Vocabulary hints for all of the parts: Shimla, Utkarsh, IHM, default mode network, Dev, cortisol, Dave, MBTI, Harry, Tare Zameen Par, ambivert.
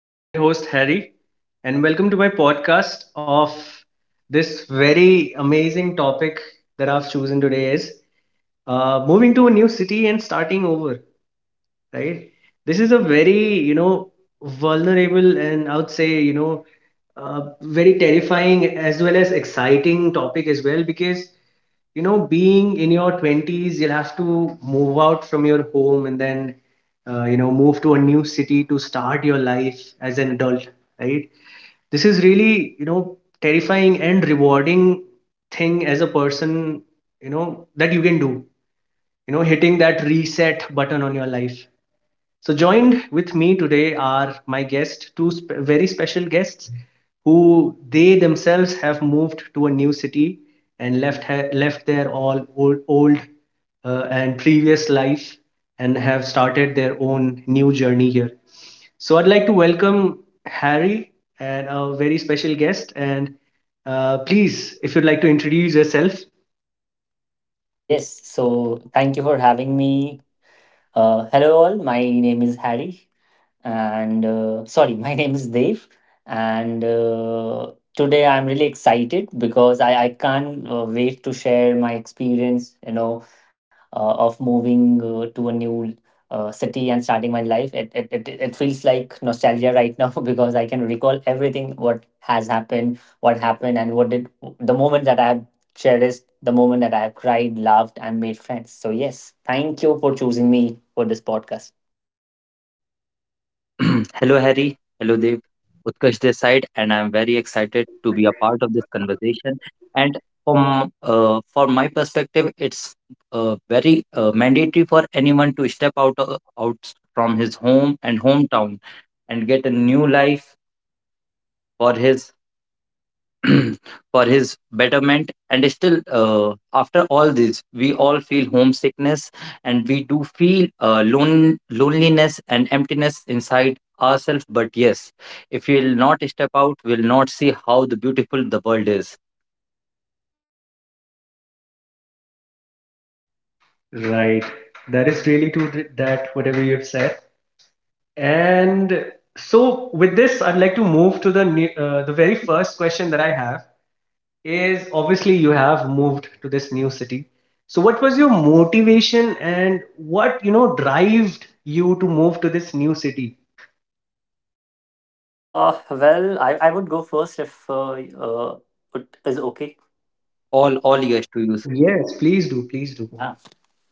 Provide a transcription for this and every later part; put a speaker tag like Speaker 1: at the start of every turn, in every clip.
Speaker 1: I'm your host, Harry, and welcome to my podcast of this very amazing topic that I've chosen today is moving to a new city and starting over, right? This is a very, you know, vulnerable and I would say, you know, very terrifying as well as exciting topic as well because you know, being in your 20s, you'll have to move out from your home and then, you know, move to a new city to start your life as an adult, right? This is really, you know, terrifying and rewarding thing as a person, you know, that you can do, you know, hitting that reset button on your life. So, joined with me today are my guests, very special guests who they themselves have moved to a new city and left their all old and previous life and have started their own new journey here. So, I'd like to welcome Harry and a very special guest. And please, if you'd like to introduce yourself.
Speaker 2: Yes, so thank you for having me. Hello, all. My name is Harry. And sorry, my name is Dev. And Today I'm really excited because I can't wait to share my experience, of moving to a new city and starting my life. It feels like nostalgia right now because I can recall everything what has happened, what happened, and what did the moment that I have cherished, the moment that I have cried, laughed, and made friends. So, yes, thank you for choosing me for this podcast.
Speaker 3: Hello, Harry. Hello, Dev. Utkarsh this side, and I'm very excited to be a part of this conversation. And from for my perspective, it's very mandatory for anyone to step out from his home and hometown, and get a new life for his for his betterment, and still after all this we all feel homesickness, and we do feel loneliness and emptiness inside ourselves, but yes, if we'll not step out we'll not see how the beautiful the world is.
Speaker 1: Right. That is really true that whatever you have said. And so, with this, I'd like to move to the very first question that I have is obviously you have moved to this new city. So, what was your motivation and what you know drived you to move to this new city?
Speaker 2: Well, I would go first if it is okay.
Speaker 3: All years to use.
Speaker 1: Yes, please do, please do.
Speaker 2: Yeah,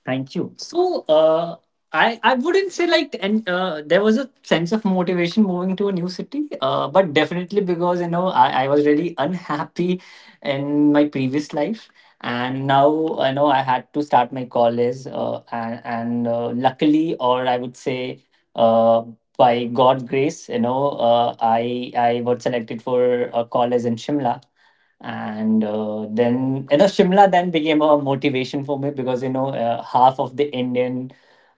Speaker 2: thank you. So, I wouldn't say like and there was a sense of motivation moving to a new city, but definitely because you know I was really unhappy in my previous life, and now I know I had to start my college, and luckily, or I would say, uh, by God's grace, I was selected for a college in Shimla and then you know Shimla then became a motivation for me because you know half of the Indian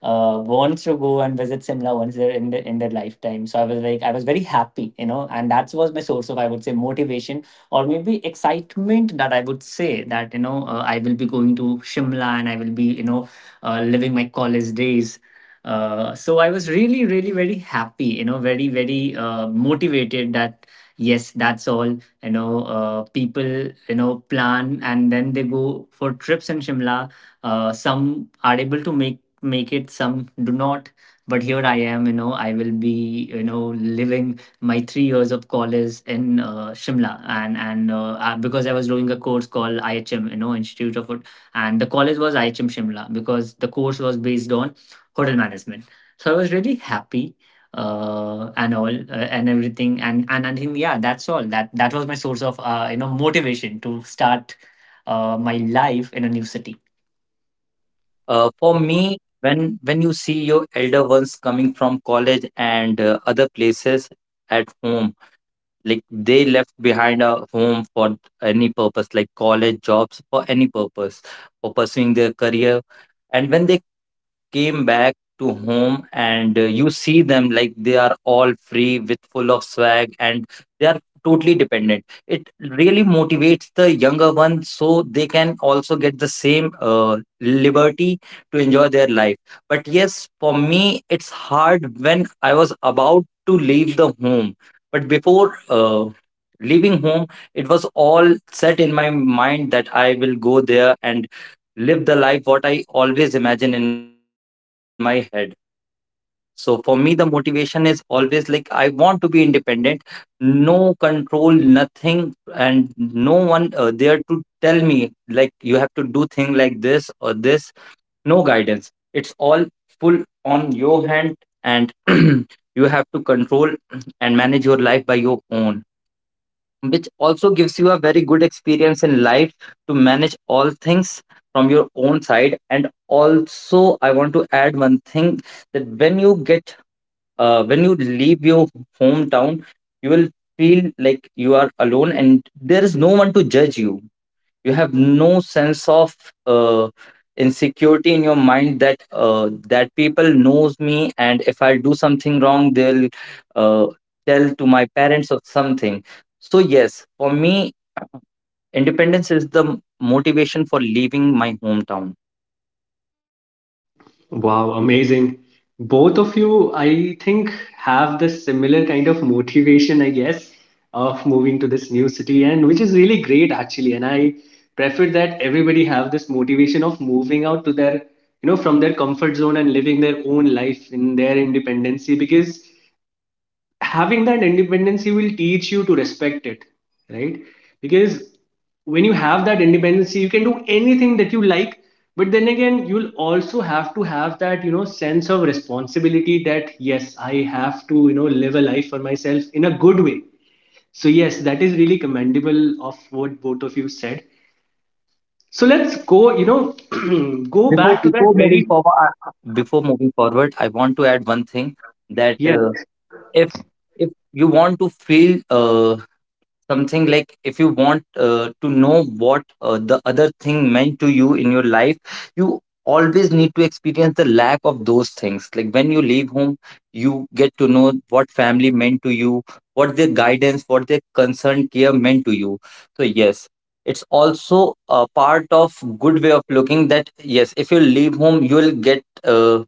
Speaker 2: wants to go and visit Shimla once they're in their lifetime. So I was like I was very happy, you know, and that was my source of, I would say, motivation, or maybe excitement, that I would say that I will be going to Shimla and I will be you know living my college days. So I was really really very happy, you know, very very motivated that yes, that's all. People you know plan and then they go for trips in Shimla. Some are able to make it, some do not. But here I am, you know, I will be you know living my 3 years of college in Shimla. And I, because I was doing a course called IHM, you know, and the college was IHM Shimla because the course was based on hotel management. So I was really happy and everything. And I think yeah, that's all, that that was my source of motivation to start my life in a new city.
Speaker 3: For me, when you see your elder ones coming from college and other places at home, like they left behind a home for any purpose, like college, jobs, for any purpose, for pursuing their career. And when they came back to home, and you see them, like they are all free with full of swag, and they are totally dependent, it really motivates the younger ones, so they can also get the same liberty to enjoy their life. But yes, for me it's hard when I was about to leave the home. But before leaving home, it was all set in my mind that I will go there and live the life what I always imagine in my head. So for me, the motivation is always like I want to be independent, no control, nothing, and no one there to tell me like you have to do thing like this or this. No guidance. It's all full on your hand, and you have to control and manage your life by your own, which also gives you a very good experience in life to manage all things from your own side. And also I want to add one thing, that when you get when you leave your hometown, you will feel like you are alone and there is no one to judge you. You have no sense of uh, insecurity in your mind, that people knows me, and if I do something wrong they'll uh, tell to my parents or something. So yes, for me independence is the motivation for leaving my hometown.
Speaker 1: Wow, amazing. Both of you, I think, have the similar kind of motivation, I guess, of moving to this new city, and which is really great actually. And I prefer that everybody have this motivation of moving out to their, you know, from their comfort zone and living their own life in their independency because having that independency will teach you to respect it, right? Because when you have that independency you can do anything that you like, but then again you'll also have to have that, you know, sense of responsibility that yes, I have to, you know, live a life for myself in a good way. So yes, that is really commendable of what both of you said. So let's go, you know, go
Speaker 3: before
Speaker 1: back to that
Speaker 3: before moving
Speaker 1: very
Speaker 3: forward I- before moving forward I want to add one thing, that
Speaker 1: yes.
Speaker 3: if if you want to feel something, like if you want to know what the other thing meant to you in your life, you always need to experience the lack of those things. Like when you leave home you get to know what family meant to you, what their guidance, what their concern, care meant to you. So yes, it's also a part of good way of looking, that yes, if you leave home you will get uh,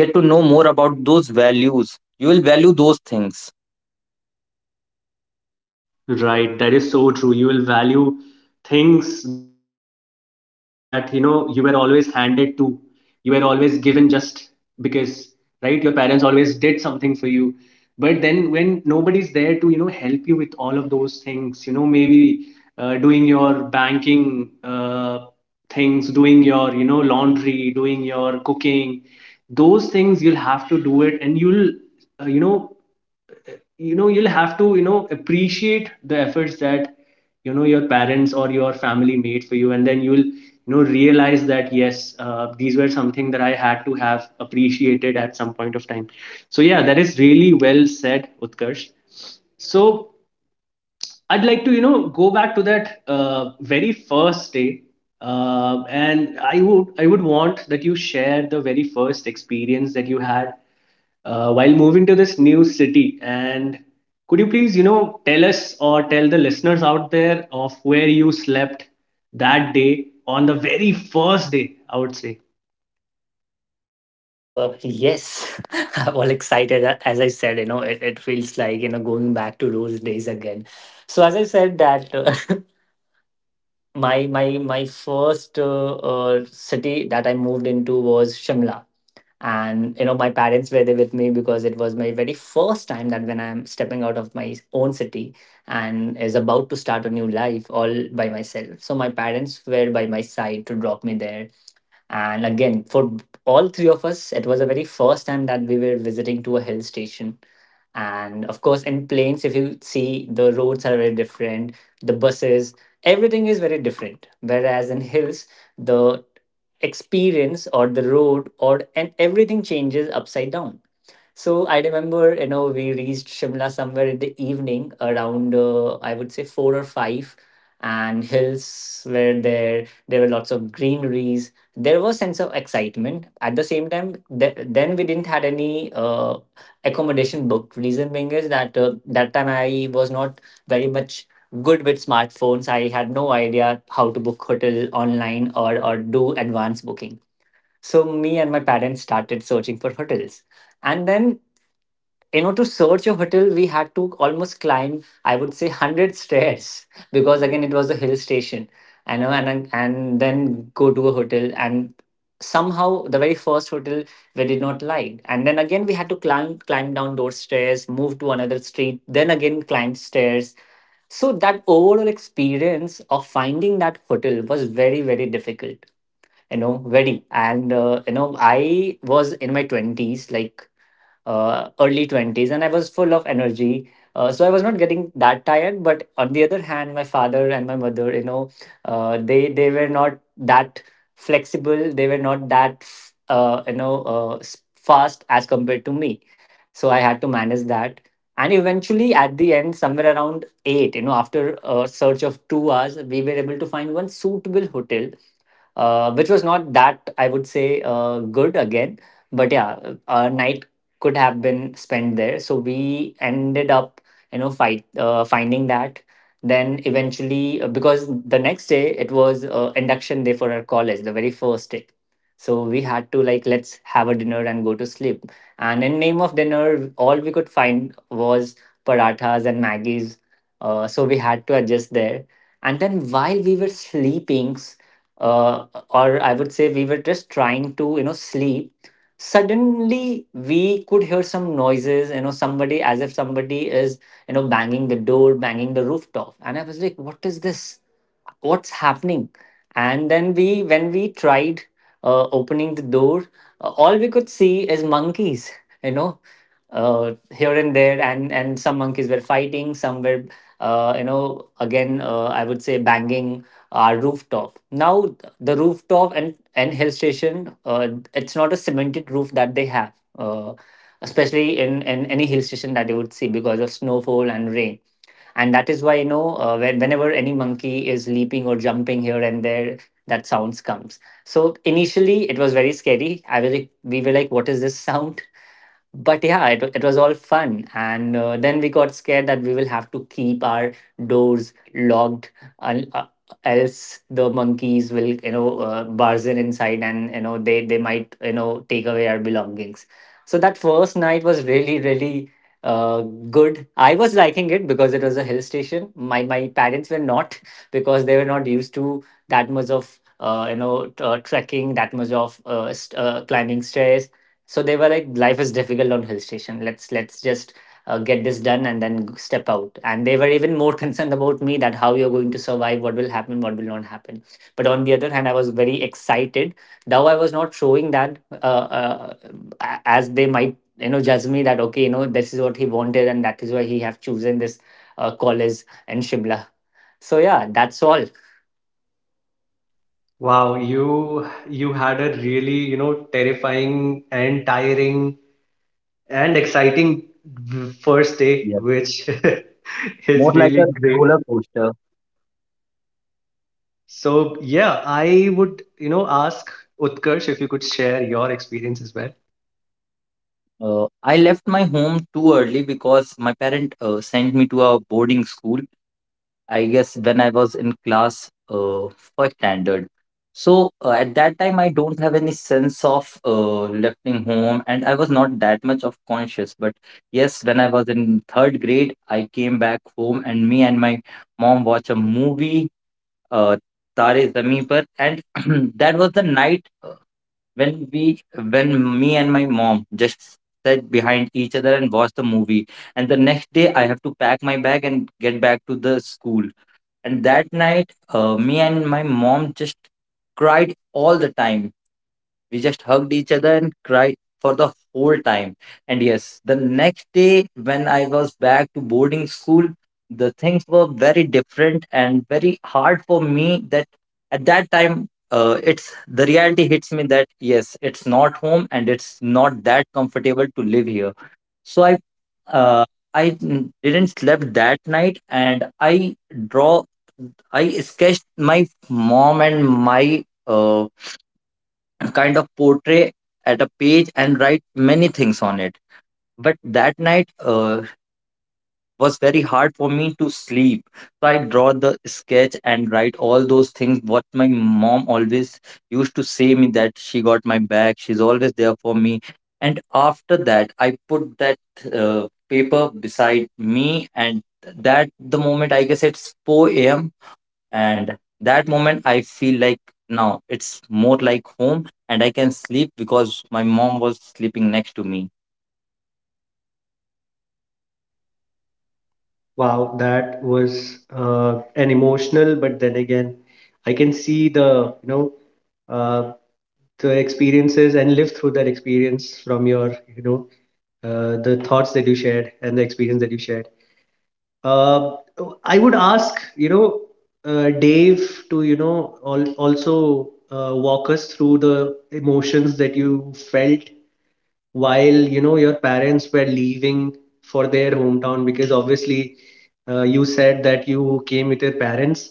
Speaker 3: get to know more about those values, you will value those things.
Speaker 1: Right, that is so true. You will value things that you know you were always handed to, you were always given just because, right? Your parents always did something for you. But then when nobody's there to, you know, help you with all of those things, you know, maybe doing your banking things, doing your, you know, laundry, doing your cooking, those things you'll have to do it and uh, you know, you know you'll have to, you know, appreciate the efforts that you know your parents or your family made for you, and then you'll, you know, realize that yes, these were something that I had to have appreciated at some point of time. So yeah, that is really well said, Utkarsh. So I'd like to, you know, go back to that, very first day, and I would want that you share the very first experience that you had while moving to this new city. And could you please, you know, tell us or tell the listeners out there of where you slept that day on the very first day, I would say.
Speaker 2: Yes, I'm all excited. As I said, you know, it feels like, you know, going back to those days again. So, as I said, that my first city that I moved into was Shimla, and you know my parents were there with me because it was my very first time that when I'm stepping out of my own city and is about to start a new life all by myself. So my parents were by my side to drop me there, and again, for all three of us, it was the very first time that we were visiting to a hill station. And of course, in plains, if you see, the roads are very different, the buses, everything is very different. Whereas in hills, the experience or the road or and everything changes upside down. So I remember, you know, we reached Shimla somewhere in the evening around, I would say, four or five, and hills were there. There were lots of greeneries. There was sense of excitement. At the same time, then we didn't had any accommodation booked. Reason being is that that time I was not very much good with smartphones. I had no idea how to book hotel online or do advance booking. So me and my parents started searching for hotels, and then you know to search a hotel we had to almost climb, I would say, 100 stairs because again it was a hill station, I know. And then go to a hotel, and somehow the very first hotel we did not like, and then again we had to climb down those stairs, move to another street, then again climb stairs. So that overall experience of finding that hotel was very very difficult, you know, very. And You know I was in my 20s, like, early 20s, and I was full of energy. So I was not getting that tired, but on the other hand my father and my mother, you know, they were not that flexible, they were not that fast as compared to me. So I had to manage that, and eventually at the end somewhere around 8, you know, after a search of 2 hours we were able to find one suitable hotel, which was not that I would say good again. But yeah, a night could have been spent there, so we ended up you know fight finding that. Then eventually because the next day it was induction day for our college, the very first day. So we had to like let's have a dinner and go to sleep, and in name of dinner all we could find was parathas and maggies. So we had to adjust there, and then while we were sleeping or I would say we were just trying to you know sleep, suddenly we could hear some noises, you know, somebody, as if somebody is you know banging the door, banging the rooftop, and I was like what is this, what's happening. And then we when we tried opening the door, all we could see is monkeys, you know, here and there, and some monkeys were fighting, some were you know again I would say banging our rooftop. Now the rooftop and hill station, it's not a cemented roof that they have, especially in any hill station that you would see, because of snowfall and rain. And that is why you know whenever any monkey is leaping or jumping here and there, that sounds comes. So initially it was very scary, I will, we were like what is this sound. But yeah, it was all fun. And Then we got scared that we will have to keep our doors locked, un- uh, else the monkeys will you know barge in inside, and you know they might you know take away our belongings. So that first night was really really uh, good. I was liking it because it was a hill station. My parents were not because they were not used to that much of trekking, that much of climbing stairs. So they were like life is difficult on hill station, let's just get this done and then step out. And they were even more concerned about me, that how you're going to survive, what will happen, what will not happen. But on the other hand I was very excited, though I was not showing that, uh, as they might you know judge me that okay you know this is what he wanted and that is why he have chosen this college in Shimla. So yeah, that's all.
Speaker 1: Wow, you had a really, you know, terrifying and tiring and exciting first day,
Speaker 3: Yes,
Speaker 1: which
Speaker 3: more
Speaker 1: is
Speaker 3: like
Speaker 1: really
Speaker 3: a
Speaker 1: great.
Speaker 3: roller coaster.
Speaker 1: So yeah, I would, you know, ask Utkarsh if you could share your experience as well.
Speaker 3: I left my home too early because my parent sent me to a boarding school. I guess when I was in class first standard. So at that time, I don't have any sense of leaving home, and I was not that much of conscious. But yes, when I was in third grade, I came back home, and me and my mom watched a movie, uh, Tare Zameen Par, and that was the night when we when me and my mom just sat behind each other and watched the movie, and the next day I have to pack my bag and get back to the school. And that night me and my mom just cried all the time. We just hugged each other and cried for the whole time. And yes, the next day when I was back to boarding school, the things were very different and very hard for me, that at that time it's the reality hits me that yes, it's not home and it's not that comfortable to live here. So uh, I didn't slept that night, and draw I sketched my mom and my kind of portrait at a page and write many things on it. But that night was very hard for me to sleep. So I draw the sketch and write all those things, what my mom always used to say me, that she got my back, she's always there for me. And after that, I put that paper beside me, and that the moment I guess it's 4 a.m., and that moment I feel like now it's more like home and I can sleep because my mom was sleeping next to me.
Speaker 1: Wow, that was an emotional, but then again, I can see the, you know, uh, the experiences and live through that experience from your, you know, the thoughts that you shared and the experience that you shared. Uh, I would ask, you know, Dave to, you know, al also walk us through the emotions that you felt while you know your parents were leaving for their hometown because obviously you said that you came with your parents,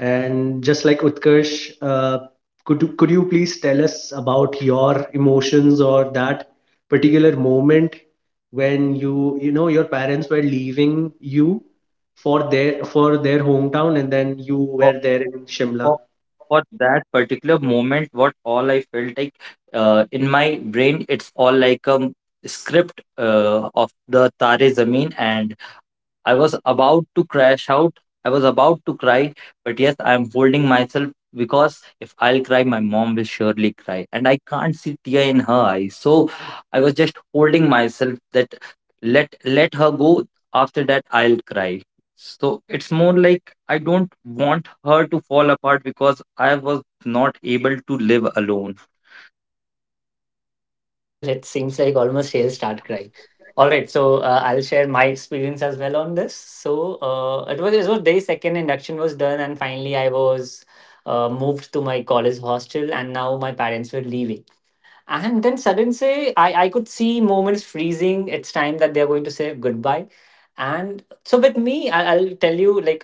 Speaker 1: and just like Utkarsh, could you please tell us about your emotions or that particular moment when you know your parents were leaving you for their hometown, and then you
Speaker 3: for,
Speaker 1: were there in Shimla.
Speaker 3: for, for that particular moment, what all I felt like, in my brain it's all like a script of the Tare Zameen, and I was about to crash out. I was about to cry, but yes, I am holding myself because if I'll cry, my mom will surely cry, and I can't see tear in her eyes. So I was just holding myself that let her go. After that, I'll cry. So it's more like I don't want her to fall apart because I was not able to live alone.
Speaker 2: Well, it seems like almost she'll start crying. All right, so I'll share my experience as well on this. So it was day second, induction was done, and finally I was moved to my college hostel, and now my parents were leaving. And then sudden say I could see moments freezing. It's time that they're going to say goodbye. And so with me, I'll tell you, like,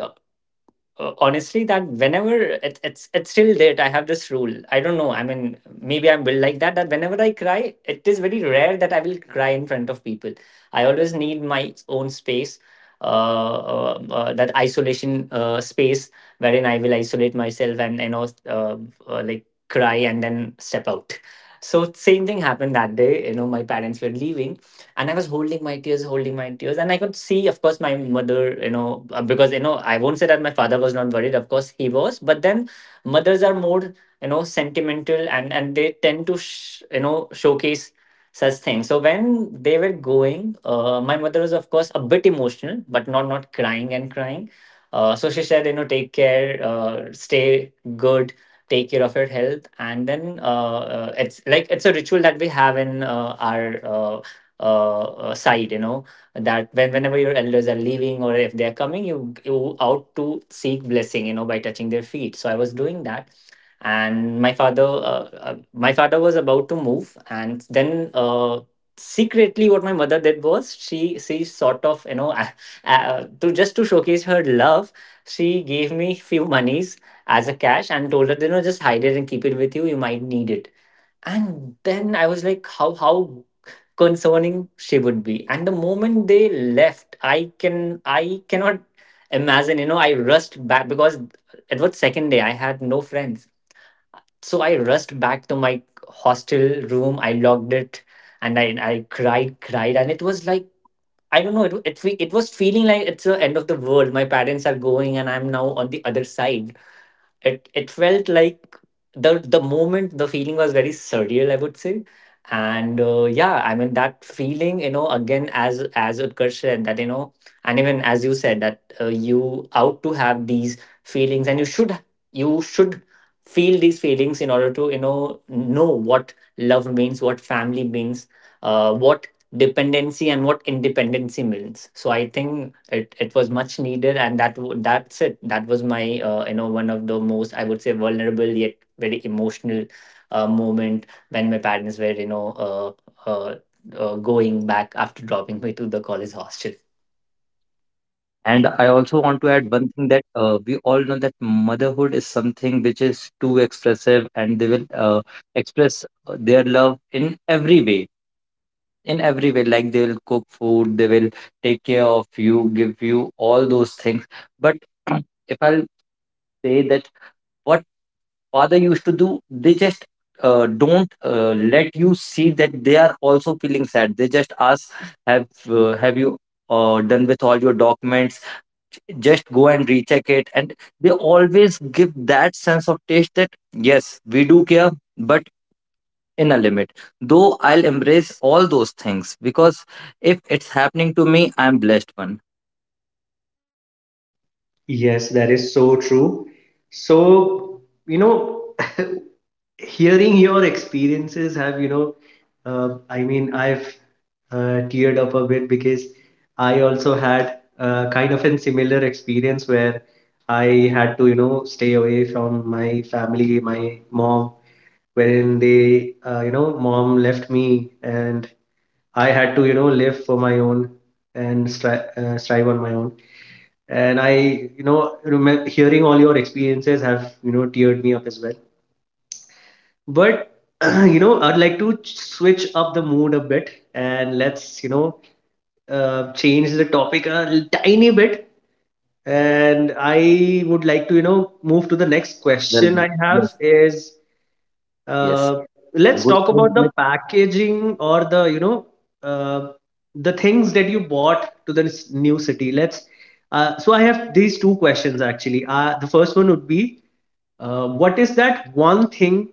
Speaker 2: honestly, that whenever it's still late, I have this rule. I don't know, I mean, maybe I'm built like that, that whenever I cry, it is very rare that I will cry in front of people. I always need my own space, that isolation space wherein I will isolate myself and, you know, uh, like, cry and then step out. So same thing happened that day, you know, my parents were leaving, and I was holding my tears, holding my tears, and I could see, of course, my mother, you know, because, you know, I won't say that my father was not worried. Of course he was, but then mothers are more, you know, sentimental, and they tend to you know, showcase such things. So when they were going, my mother was, of course, a bit emotional, but not crying and crying. So she said, you know, take care, stay good, take care of your health. And then it's like it's a ritual that we have in our site, you know, that when, whenever your elders are leaving or if they're coming, you out to seek blessing, you know, by touching their feet. So I was doing that. And my father, my father was about to move. And then, secretly, what my mother did was, she sort of, you know, to just to showcase her love, she gave me few monies as a cash, and told her, you know, just hide it and keep it with you, you might need it. And then I was like, how concerning she would be. And the moment they left, I can, I cannot imagine, you know. I rushed back because it was second day, I had no friends. So I rushed back to my hostel room, I locked it, and I cried, cried. And it was like, I don't know, it was feeling like it's the end of the world. My parents are going and I'm now on the other side. It felt like the moment, the feeling was very surreal, I would say. And yeah, I mean, that feeling, you know, again, as Utkarsh said, that, you know, and even as you said, that you out to have these feelings, and you should, you should feel these feelings in order to, you know what love means, what family means, what dependency and what independency means. So I think it was much needed. And that that's it, that was my, you know, one of the most, I would say, vulnerable yet very emotional moment, when my parents were, you know, uh, going back after dropping me to the college hostel.
Speaker 3: And I also want to add one thing, that we all know that motherhood is something which is too expressive, and they will express their love in every way. In every way, like they will cook food, they will take care of you, give you all those things. But if I'll say that what father used to do, they just don't let you see that they are also feeling sad. They just ask, "Have you done with all your documents? Just go and recheck it." And they always give that sense of taste that yes, we do care, but in a limit. Though I'll embrace all those things because if it's happening to me, I'm blessed one.
Speaker 1: Yes, that is so true. So, you know, hearing your experiences have, you know, I mean, I've teared up a bit because I also had kind of a similar experience where I had to, you know, stay away from my family, my mom, wherein they, you know, mom left me and I had to, you know, live for my own and strive on my own, and I, you know, remember hearing all your experiences have, you know, teared me up as well. But you know I'd like to switch up the mood a bit and let's, you know, change the topic a tiny bit, and I would like to, you know, move to the next
Speaker 3: Well.
Speaker 1: question I have
Speaker 3: Yes.
Speaker 1: is
Speaker 3: yes
Speaker 1: uh,
Speaker 3: a
Speaker 1: let's
Speaker 3: good
Speaker 1: talk
Speaker 3: skill
Speaker 1: about the
Speaker 3: set.
Speaker 1: packaging or the, you know, uh, the things that you bought to the new city. Let's so I have these two questions actually. The first one would be, what is that one thing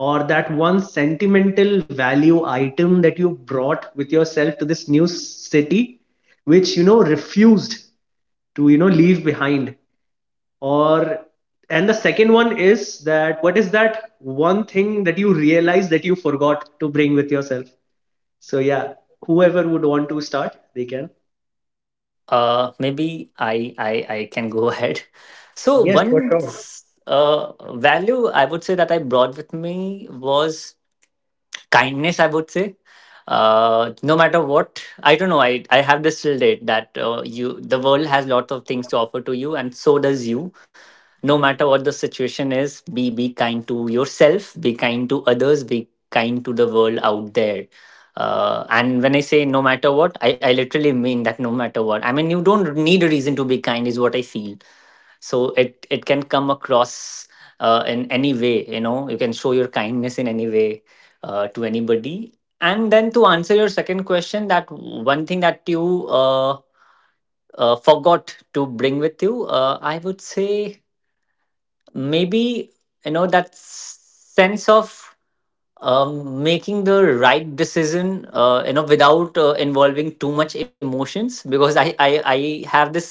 Speaker 1: or that one sentimental value item that you brought with yourself to this new city which you know refused to, you know, leave behind, or, and the second one is that what is that one thing that you realize that you forgot to bring with yourself? So yeah, whoever would want to start they can.
Speaker 2: Maybe I can go ahead. So
Speaker 1: Yes, for
Speaker 2: one
Speaker 1: sure.
Speaker 2: uh value, I would say, that I brought with me was kindness, I would say. No matter what, I don't know, I have this till date, that you, the world has lots of things to offer to you, and so does you. No matter what the situation is, be kind to yourself, be kind to others, be kind to the world out there. And when I say no matter what, I literally mean that no matter what, I mean, you don't need a reason to be kind, is what I feel. So it can come across in any way, you know, you can show your kindness in any way, to anybody. And then, to answer your second question, that one thing that you, forgot to bring with you, I would say, maybe, you know, that sense of making the right decision, you know, without involving too much emotions. Because I have this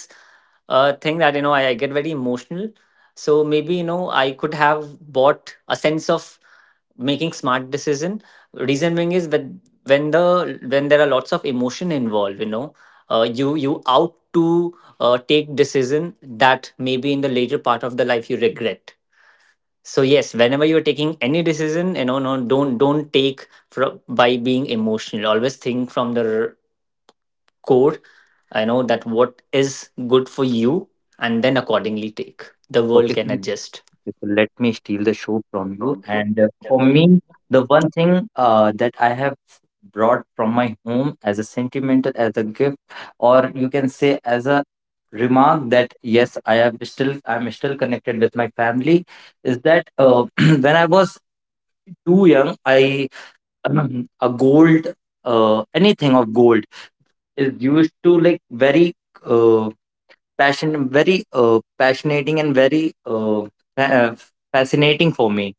Speaker 2: thing that, you know, I get very emotional. So maybe, you know, I could have bought a sense of making smart decision. Reason being is, when the when there are lots of emotion involved, you know, you out to take decision that maybe in the later part of the life you regret. So yes, whenever you're taking any decision, you know, no, don't take by being emotional, always think from the core. I know that what is good for you, and then accordingly take. The world
Speaker 3: Okay, so
Speaker 2: can
Speaker 3: you.
Speaker 2: adjust.
Speaker 3: So let me steal the show from you.
Speaker 2: Sounds good.
Speaker 3: And
Speaker 2: Yeah.
Speaker 3: for me, the one thing that I have brought from my home as a sentimental, as a gift, or you can say as a remark, that yes, I'm still connected with my family, is that when I was too young, I a gold anything of gold is used to like very uh, passionating, and very fa- uh, fascinating for me.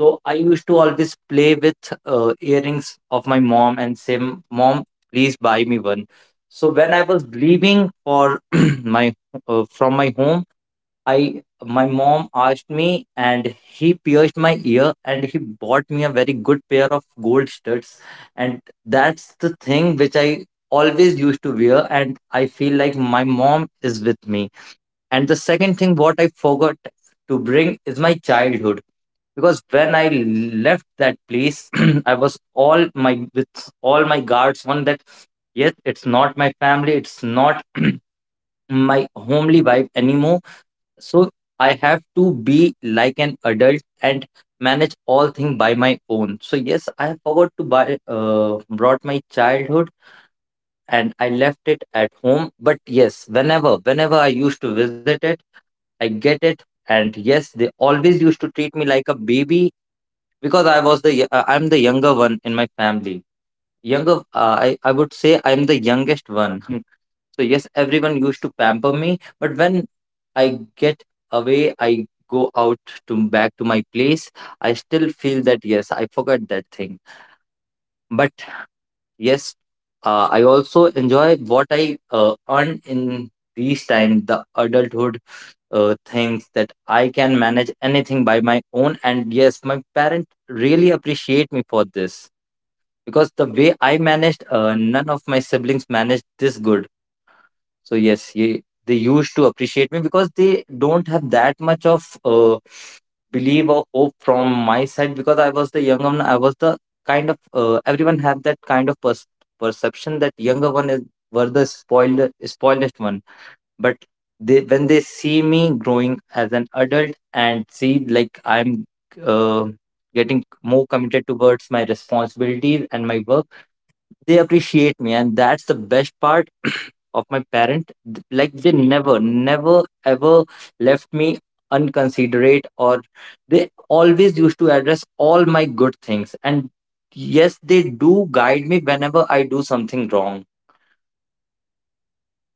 Speaker 3: So I used to always play with earrings of my mom and say, "Mom, please buy me one." So when I was leaving for my from my home, I my mom asked me, and he pierced my ear and he bought me a very good pair of gold studs, and that's the thing which I always used to wear, and I feel like my mom is with me. And the second thing, what I forgot to bring is my childhood. Because when I left that place, I was all my with all my guards on, that yes, it's not my family, it's not my homely vibe anymore. So I have to be like an adult and manage all things by my own. So yes, I forgot to buy brought my childhood, and I left it at home. But yes, whenever I used to visit it, I get it. And yes, they always used to treat me like a baby because I'm the younger one in my family. Younger, I would say, I'm the youngest one. So yes, everyone used to pamper me. But when I get away, I go out to back to my place, I still feel that yes, I forgot that thing. But yes, I also enjoy what I earn in these time, the adulthood things, that I can manage anything by my own. And yes, my parents really appreciate me for this, because the way I managed, none of my siblings managed this good. So yes, they used to appreciate me because they don't have that much of believe or hope from my side, because I was the younger one. I was the kind of Everyone have that kind of perception that younger one is, were the spoiled spoiledest one, but they when they see me growing as an adult, and see like I'm uh, getting more committed towards my responsibilities and my work, they appreciate me. And that's the best part of my parent. Like they never ever left me unconsiderate, or they always used to address all my good things, and yes, they do guide me whenever I do something wrong.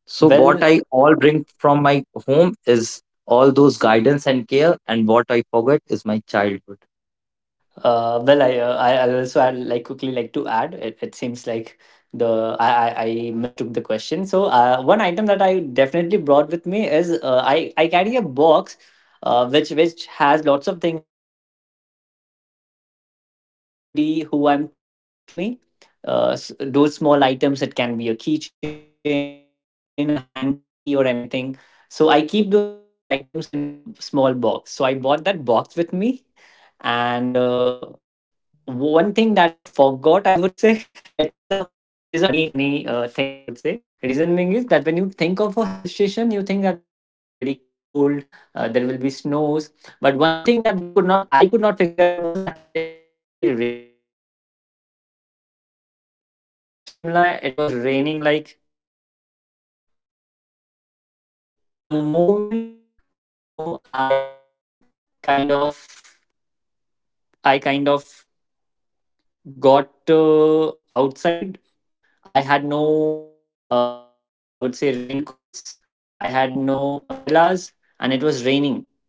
Speaker 3: So what
Speaker 2: Well,
Speaker 3: I all bring from my home is all those guidance and care, and what I forget is my childhood.
Speaker 2: I also I'd like, quickly, like, to add. It seems like the I mistook the question. So, one item that I definitely brought with me is, I carry a box, which has lots of thing in it, which my friends or anybody who I'm close to when they gifts me, those small items. It can be a keychain, a hanky, or anything. So I keep those items in a small box. So I bought that box with me and. One thing that I forgot, I would say, it is a funny, funny thing, I would say. Reasoning is that when you think of a hill station, you think that it is going to be very cold. There will be snows, but one thing that we could not, I could not figure out was that it is going to be rainy at the same time. You know, and when I reached Shimla, it was raining like hell. And the moment, you know, I kind of, I kind of got outside, I had no, I would say, raincoats. I had no umbrellas, and it was raining.